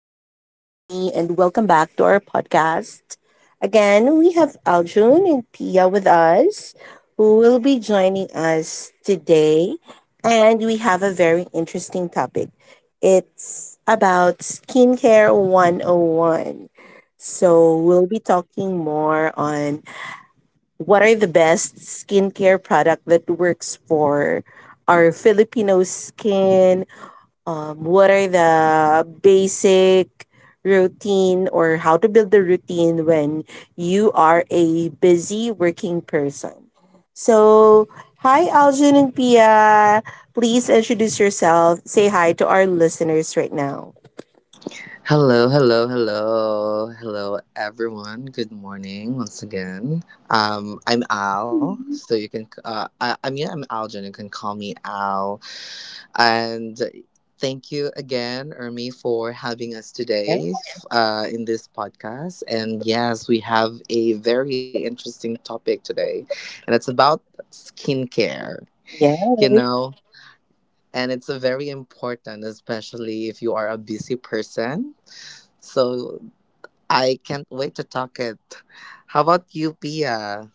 This is Ermi, and welcome back to our podcast. Again, we have Aljun and Pia with us, who will be joining us today. And we have a very interesting topic. It's about Skincare 101. So, we'll be talking more on what are the best skincare product that works for our Filipino skin, what are the basic routine or how to build the routine when you are a busy working person. So, hi, Algin and Pia. Please introduce yourself. Say hi to our listeners right now. Hello, hello, hello, hello, everyone. Good morning once again. I'm Al, so you can. I'm Aljan. You can call me Al. And thank you again, Ermi, for having us Yeah, today in this podcast. And yes, we have a very interesting topic today, and it's about skincare. yeah. You know. And it's a very important, especially if you are a busy person. So I can't wait to talk it. How about you, Pia?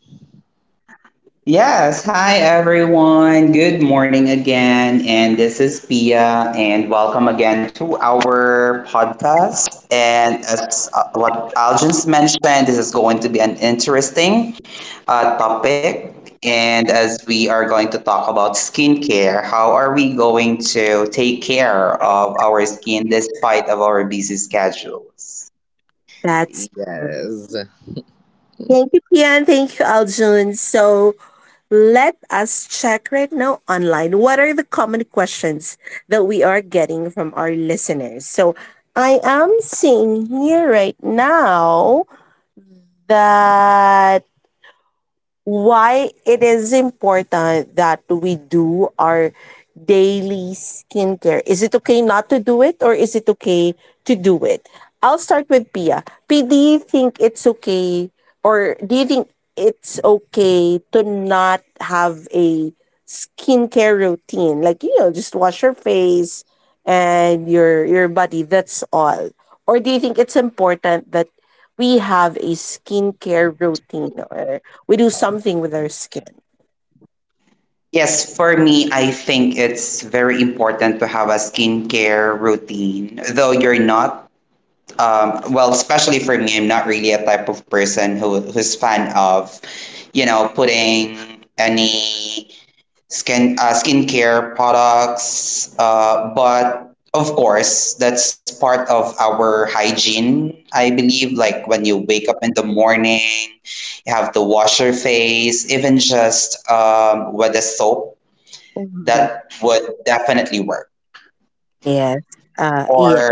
Yes. Hi, everyone. Good morning again. And this is Pia, and welcome again to our podcast. And as what Algin's mentioned, this is going to be an interesting topic. And as we are going to talk about skincare, how are we going to take care of our skin despite of our busy schedules? That's Yes. Thank you, Pia, thank you, Aljun. So, let us check right now online. What are the common questions that we are getting from our listeners? So I am seeing here right now that why it is important that we do our daily skincare. Is it okay not to do it or is it okay to do it? I'll start with Pia. P, do you think it's okay or do you think it's okay to not have a skincare routine? Like, you know, just wash your face, and your body, that's all, or do you think it's important that we have a skincare routine or we do something with our skin? Yes, for me, I think it's very important to have a skincare routine. Though you're not, well, especially for me, I'm not really a type of person who's fan of, you know, putting any skincare products. But of course, that's part of our hygiene. I believe, like when you wake up in the morning, you have to wash your face, even just with a soap Mhm. that would definitely work. Yes. Yeah, Or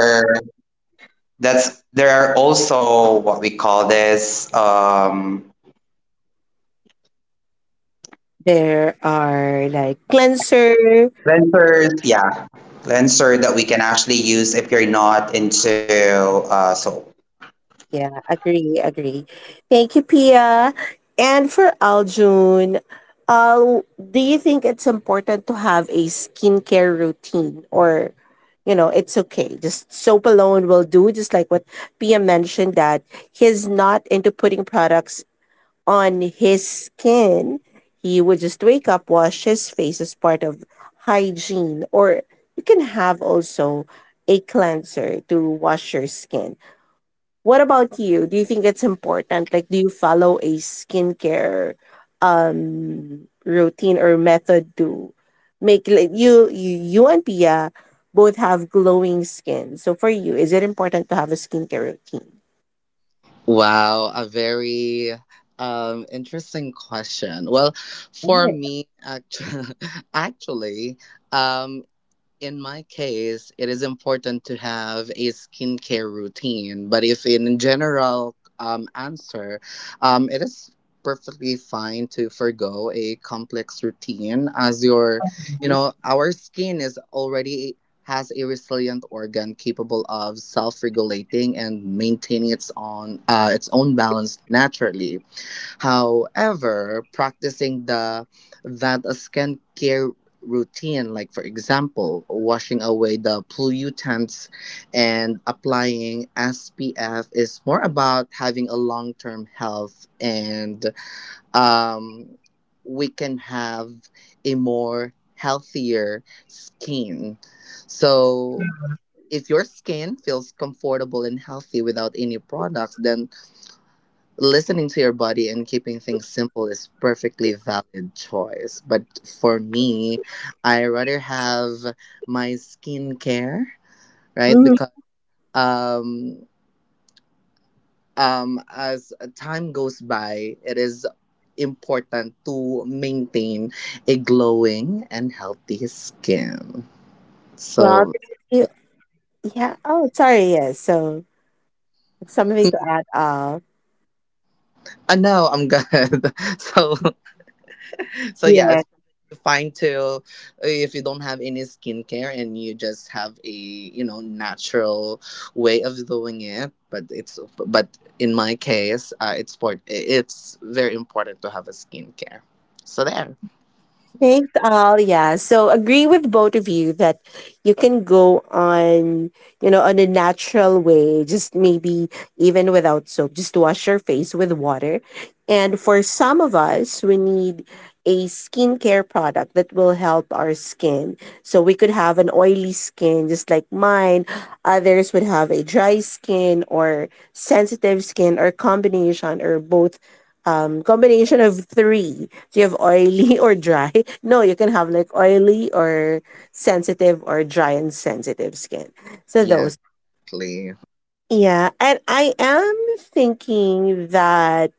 that's there are also what we call this there are like cleanser. cleansers. Yeah, cleanser that we can actually use if you're not into soap. Yeah, agree, agree. Thank you, Pia. And for Aljun, uh, do you think it's important to have a skincare routine or, you know, it's okay? Just soap alone will do, just like what Pia mentioned, that he's not into putting products on his skin. He would just wake up, wash his face as part of hygiene, or you can have also a cleanser to wash your skin. What about you? Do you think it's important? Like, do you follow a skincare routine or method to make like you and Pia both have glowing skin. So for you, is it important to have a skincare routine? Wow, a very interesting question. Well, for me actually, actually um in my case, it is important to have a skincare routine. But if in general answer, it is perfectly fine to forgo a complex routine as your, you know, our skin is already has a resilient organ capable of self-regulating and maintaining its own balance naturally. However, practicing the that a skincare routine, like for example, washing away the pollutants and applying SPF is more about having a long term health, and um, we can have a more healthier skin. So if your skin feels comfortable and healthy without any products, then listening to your body and keeping things simple is perfectly valid choice. But for me, I rather have my skincare, right? Mhm. Because um as time goes by, it is important to maintain a glowing and healthy skin. Well, So you, yeah. yeah. Oh, sorry. Yes. So something to add. I know I'm good. So so yeah, Yeah. it's fine to, if you don't have any skincare and you just have a, you know, natural way of doing it. But it's, but in my case, it's for it's very important to have a skincare. So there. Thanks, all. Yeah. So agree with both of you that you can go on, you know, on a natural way, just maybe even without soap, just wash your face with water. And for some of us, we need a skincare product that will help our skin. So we could have an oily skin, just like mine. Others would have a dry skin or sensitive skin or combination or both, combination of three. Do you have oily or dry? No, you can have like oily or sensitive or dry and sensitive skin. So Yeah, those. exactly. Yeah, and I am thinking that,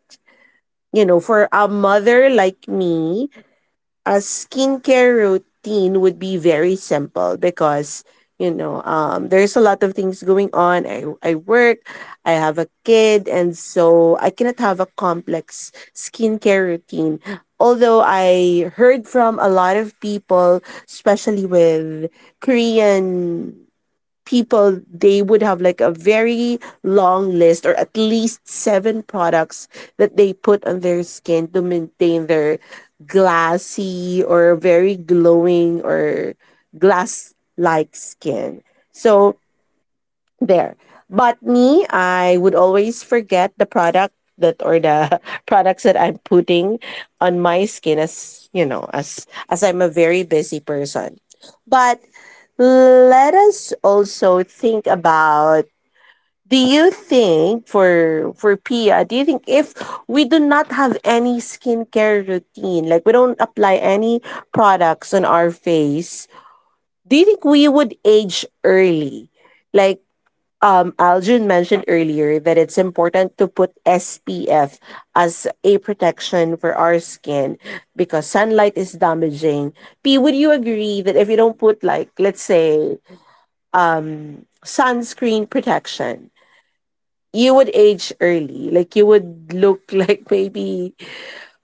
you know, for a mother like me, a skincare routine would be very simple because, you know, there's a lot of things going on. I work, I have a kid, and so I cannot have a complex skincare routine, although I heard from a lot of people, especially with Korean people, they would have like a very long list or at least seven products that they put on their skin to maintain their glassy or very glowing or glass like skin. So there. But me, I would always forget the product that or the products that I'm putting on my skin, as you know, as I'm a very busy person. But let us also think about, do you think for Pia, do you think if we do not have any skincare routine, like we don't apply any products on our face, do you think we would age early? Like, Aljun mentioned earlier that it's important to put SPF as a protection for our skin because sunlight is damaging. P, would you agree that if you don't put, like, let's say, sunscreen protection, you would age early? Like, you would look like maybe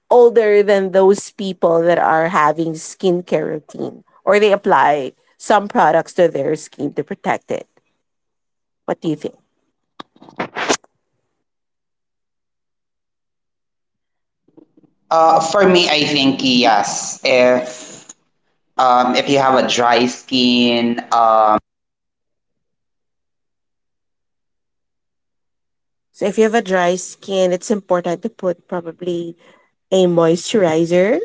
older than those people that are having skincare routine or they apply some products to their skin to protect it. What do you think? For me, I think yes. If you have a dry skin, So if you have a dry skin, it's important to put probably a moisturizer.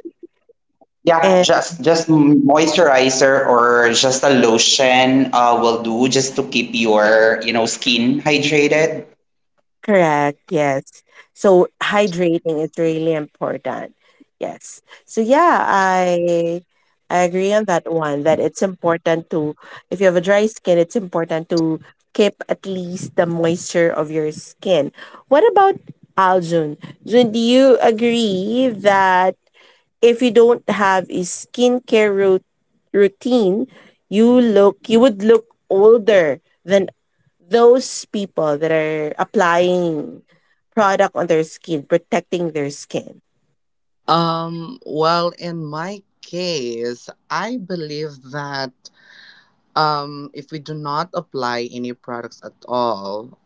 yeah, And just moisturizer or just a lotion will do just to keep your you know skin hydrated. correct, yes. So hydrating is really important. Yes. So yeah, I agree on that one that it's important to, if you have a dry skin, it's important to keep at least the moisture of your skin. What about Aljun? Jun, do you agree that if you don't have a routine, you would look older than those people that are applying product on their skin, protecting their skin? Well, in my case, I believe that if we do not apply any products at all,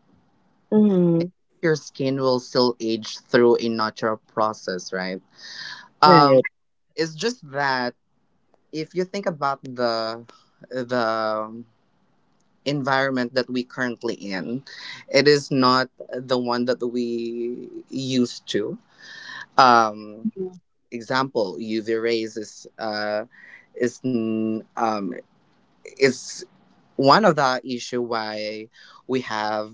I Hmm. think your skin will still age through a natural process, right? Um, Right. it's just that if you think about the environment that we currently in, it is not the one that we used to. Um, example, UV rays is is n- um, is one of the issue why we have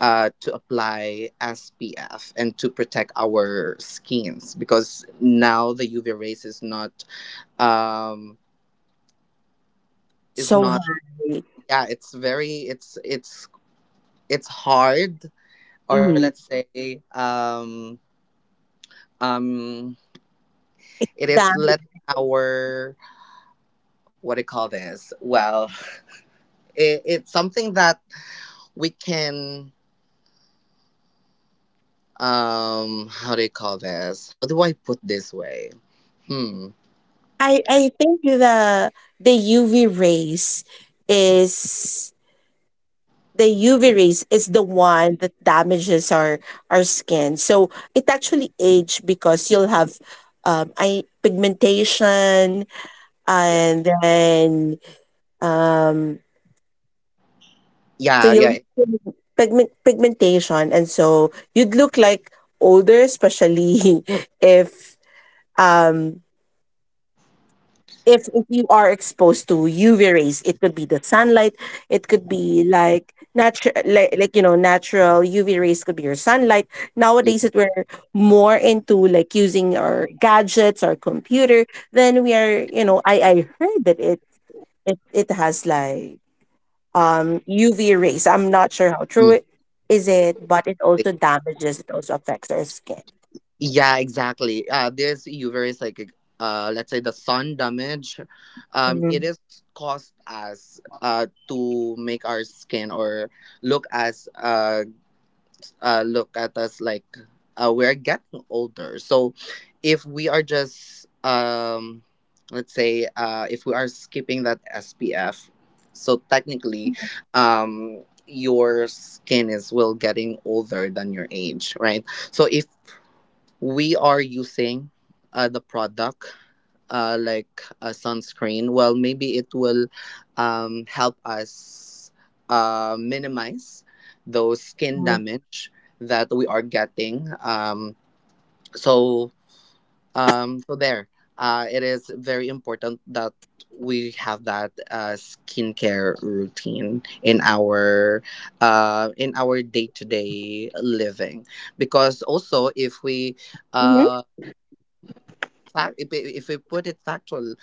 to apply SPF and to protect our skins, because now the UV rays is not, um, is So not, high. yeah, it's very, it's it's hard, or Hmm. let's say, um, it is That let our, what do you call this? Well, it, it's something that we can, how do you call this, how do I put this way? Hmm. I think the UV rays is, the UV rays is the one that damages our skin. So it actually age because you'll have, I pigmentation Yeah, and then, um so yeah. you'll Yeah. Pigmentation and so you'd look like older, especially if, um if if you are exposed to UV rays, it could be the sunlight, it could be like natural, like, you know, natural UV rays could be your sunlight. Yeah, Nowadays that we're more into like using our gadgets, our computer, then we are, you know, I heard that it has like, UV rays. I'm not sure how true mm. it is it, but it also damages. It also affects our skin. Yeah, exactly, uh, this UV is like, uh, let's say the sun damage, it Mm-hmm. is caused us to make our skin or look as look at us like, we're getting older. So if we are just, let's say, if we are skipping that SPF, so technically, your skin is well getting older than your age, right? So if we are using the product, like a sunscreen, well, maybe it will help us minimize those skin damage that we are getting. So, so there, it is very important that we have that skincare routine in our, in our day to day living, because also if we uh fact, if it- if we put it factual,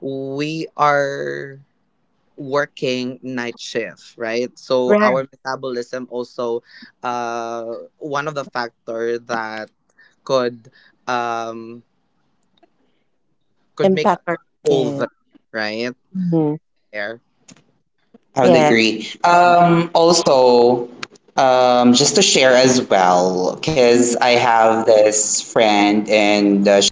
we are working night shift, right? So our metabolism also one of the factor that could um could make Impact us our older, skin. right? Hmm. There. I would Yeah. agree. Also, just to share as well, because I have this friend,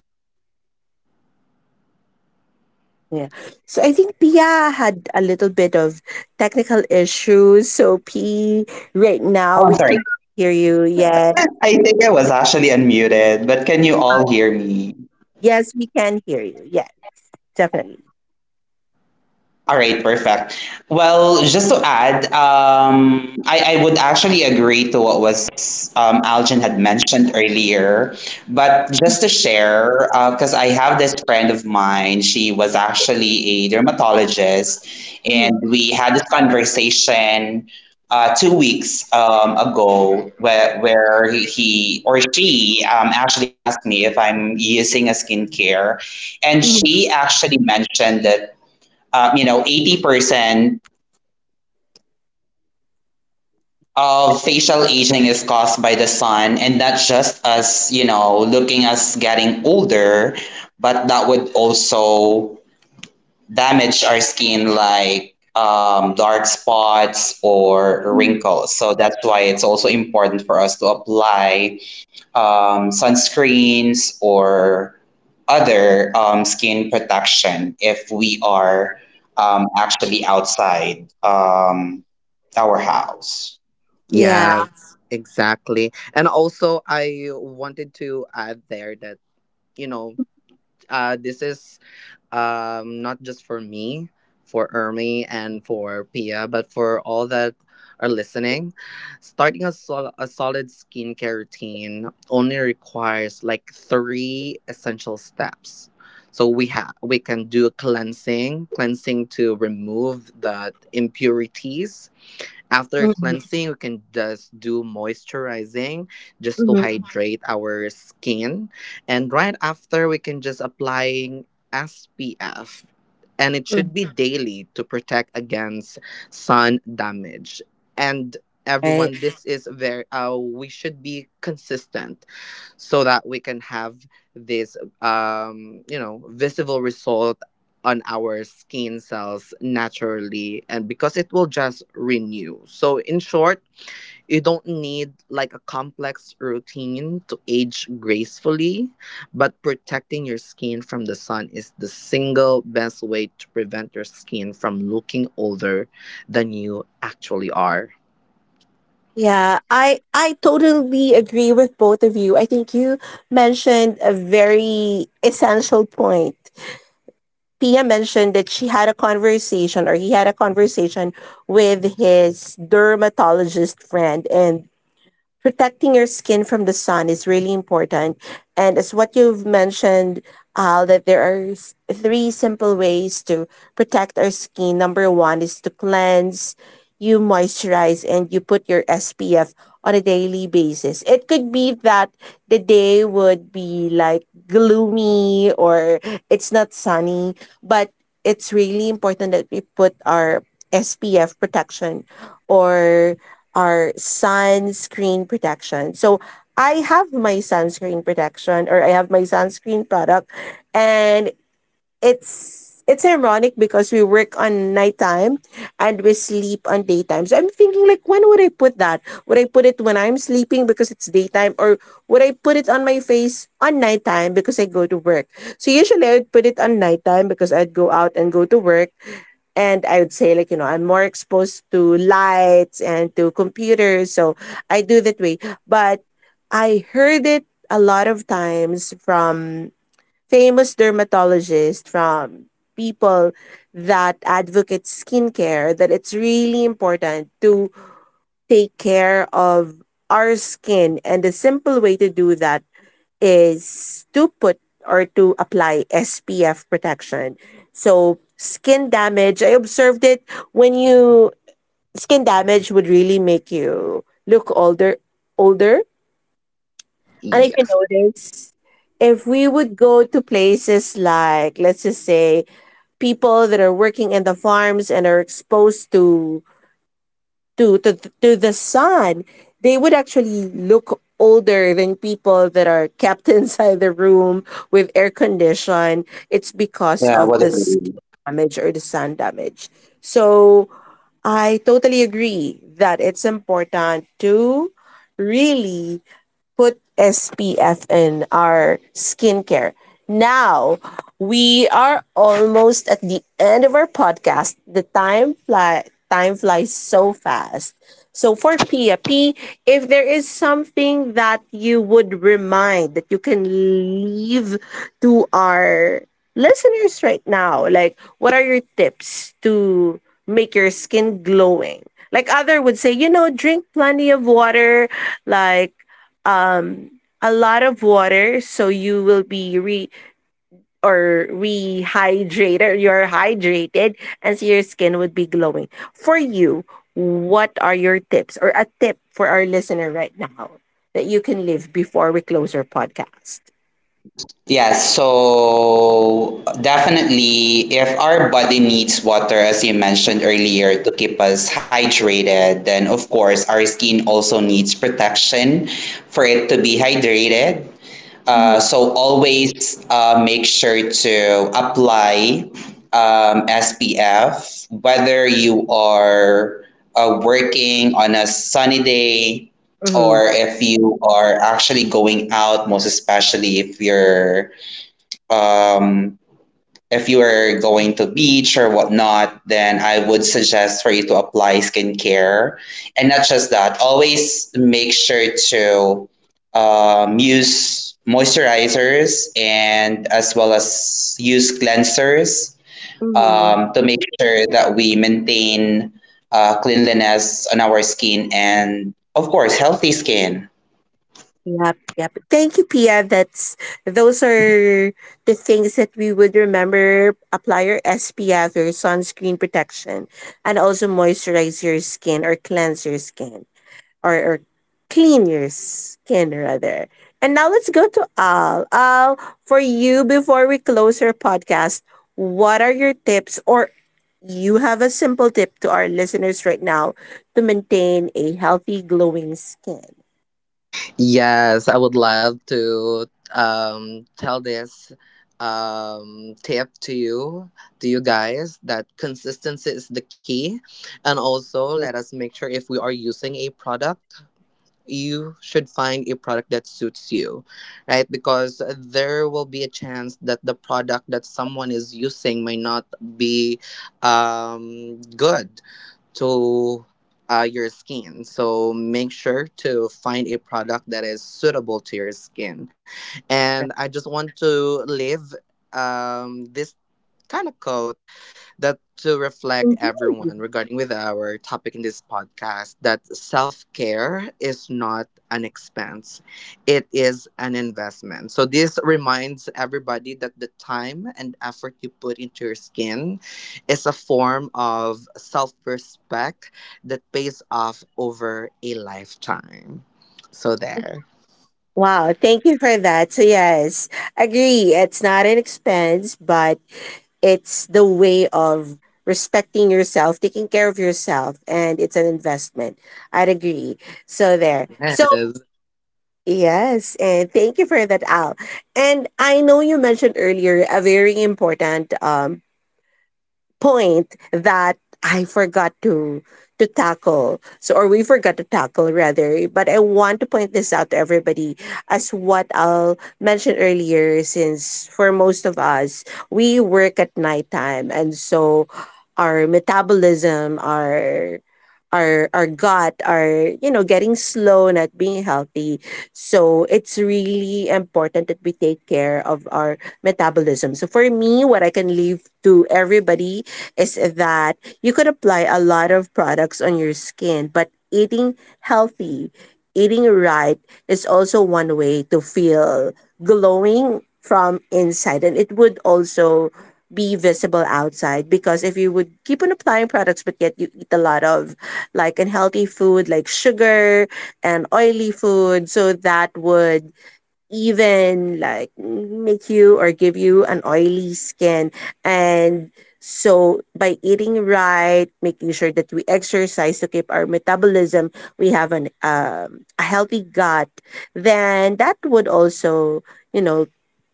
Yeah. So I think Pia had a little bit of technical issues. So P, right now oh, I'm we sorry. can hear you. Yeah. I think I was actually unmuted, but can you all hear me? Yes, we can hear you. Yeah, definitely. All right, perfect. Well, just to add, I would actually agree to what was Algin had mentioned earlier. But just to share, because I have this friend of mine, she was actually a dermatologist, and we had this conversation 2 weeks ago where he or she actually asked me if I'm using a skincare. And she actually mentioned that you know, 80% of facial aging is caused by the sun, and not just us, you know, looking us getting older, but that would also damage our skin like dark spots or wrinkles. So that's why it's also important for us to apply sunscreens or other skin protection if we are actually outside our house. Yeah. Yes, exactly. And also I wanted to add there that, you know, this is not just for me, for Ermi and for Pia, but for all that are listening. Starting a, sol- a solid skincare routine only requires like three essential steps. So we can do a cleansing, cleansing to remove the impurities. After Mhm, cleansing, we can just do moisturizing just to mhm, hydrate our skin. And right after, we can just applying SPF. And it mhm. should be daily to protect against sun damage. And Right. everyone, this is very, we should be consistent so that we can have this, you know, visible result on our skin cells naturally, and because it will just renew. So in short, you don't need like a complex routine to age gracefully, but protecting your skin from the sun is the single best way to prevent your skin from looking older than you actually are. Yeah, I totally agree with both of you. I think you mentioned a very essential point. Pia mentioned that she had a conversation or he had a conversation with his dermatologist friend, and protecting your skin from the sun is really important. And as what you've mentioned, Al, that there are three simple ways to protect our skin. Number one is to cleanse, you moisturize, and you put your SPF on a daily basis. It could be that the day would be like gloomy or it's not sunny, but it's really important that we put our SPF protection or our sunscreen protection. So I have my sunscreen protection or I have my sunscreen product, and it's ironic because we work on nighttime and we sleep on daytime. So I'm thinking, like, when would I put that? Would I put it when I'm sleeping because it's daytime, or would I put it on my face on nighttime because I go to work? So usually I would put it on nighttime because I'd go out and go to work, and I would say, like, you know, I'm more exposed to lights and to computers, so I do that way. But I heard it a lot of times from famous dermatologists, from people that advocate skincare, that it's really important to take care of our skin. And the simple way to do that is to put or to apply SPF protection. So, skin damage, I observed it when you, skin damage would really make you look older, and if you Yeah. notice, if we would go to places like, let's just say, people that are working in the farms and are exposed to to to, to the sun, they would actually look older than people that are kept inside the room with air condition. It's because Yeah, of the what about skin damage or the sun damage. So I totally agree that it's important to really put SPF in our skincare. Now, we are almost at the end of our podcast. The time flies so fast. So for Pia, P, if there is something that you would remind that you can leave to our listeners right now, like, what are your tips to make your skin glowing? Like, other would say, you know, drink plenty of water, like a lot of water, so you will be re or rehydrated, you're hydrated, and so your skin would be glowing for you. What are your tips or a tip for our listener right now that you can live before we close our podcast? Yes, so definitely, if our body needs water, as you mentioned earlier, to keep us hydrated, then of course, our skin also needs protection for it to be hydrated. So always make sure to apply SPF, whether you are working on a sunny day Mm-hmm. or if you are actually going out, most especially if you're um, if you are going to beach or whatnot, then I would suggest for you to apply skincare. And not just that, always make sure to use moisturizers and as well as use cleansers Mm-hmm. To make sure that we maintain cleanliness on our skin and, of course, healthy skin. Yep, yep. Thank you, Pia. That's, those are the things that we would remember. Apply your SPF, your sunscreen protection, and also moisturize your skin or cleanse your skin. Or clean your skin rather. And now let's go to Al. Al, for you, before we close our podcast, what are your tips, or you have a simple tip to our listeners right now to maintain a healthy, glowing skin? Yes, I would love to tell this tip to you guys, that consistency is the key. And also, let us make sure if we are using a product, you should find a product that suits you, right? Because there will be a chance that the product that someone is using may not be good to your skin. So make sure to find a product that is suitable to your skin. And I just want to leave this kind of quote that to reflect everyone regarding with our topic in this podcast that self-care is not an expense, it is an investment. So this reminds everybody that the time and effort you put into your skin is a form of self-respect that pays off over a lifetime. So there. Wow, thank you for that. So yes, agree. It's not an expense, but it's the way of respecting yourself, taking care of yourself, and it's an investment. I'd agree. So there. So Yes. yes, and thank you for that, Al. And I know you mentioned earlier a very important point that I forgot to tackle. So, or we forgot to tackle rather. But I want to point this out to everybody, as what Al mentioned earlier. Since for most of us, we work at nighttime, and so our metabolism, our gut are, you know, getting slow, not being healthy. So it's really important that we take care of our metabolism. So for me, what I can leave to everybody is that you could apply a lot of products on your skin, but eating healthy, eating right is also one way to feel glowing from inside, and it would also be visible outside. Because if you would keep on applying products, but yet you eat a lot of like unhealthy food like sugar and oily food, so that would even like make you or give you an oily skin. And so by eating right, making sure that we exercise to keep our metabolism, we have an a healthy gut, then that would also, you know,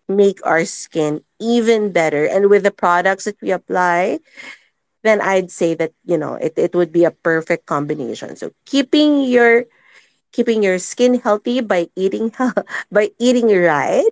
make our skin even better. And with the products that we apply, then I'd say that, you know, it would be a perfect combination. So keeping your skin healthy by eating by eating right,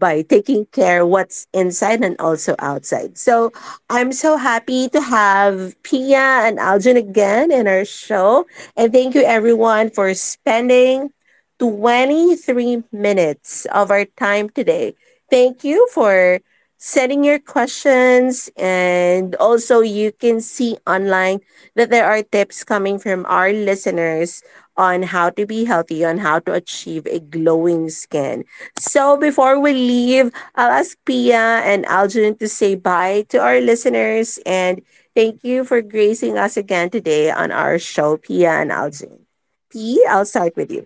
by taking care what's inside and also outside. So I'm so happy to have Pia and Aljan again in our show, and thank you everyone for spending 23 minutes of our time today. Thank you for setting your questions, and also you can see online that there are tips coming from our listeners on how to be healthy, on how to achieve a glowing skin. So before we leave, I'll ask Pia and Aljun to say bye to our listeners, and thank you for gracing us again today on our show, Pia and Aljun. P, I'll start with you.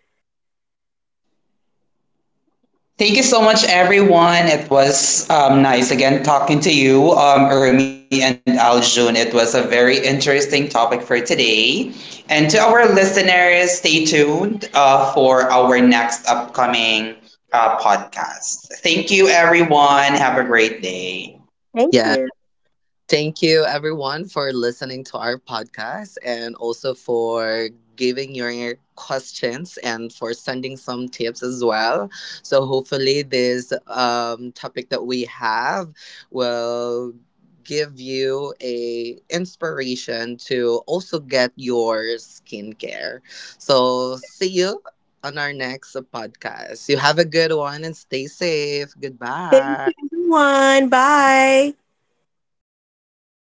Thank you so much, everyone. It was nice again talking to you, Ermi and Aljun. It was a very interesting topic for today. And to our listeners, stay tuned for our next upcoming podcast. Thank you, everyone. Have a great day. Thank Yes, you. thank you, everyone, for listening to our podcast and also for giving your questions and for sending some tips as well. So, hopefully, this topic that we have will give you a inspiration to also get your skincare. So, see you on our next podcast. You have a good one and stay safe. Thank Goodbye. you everyone, bye.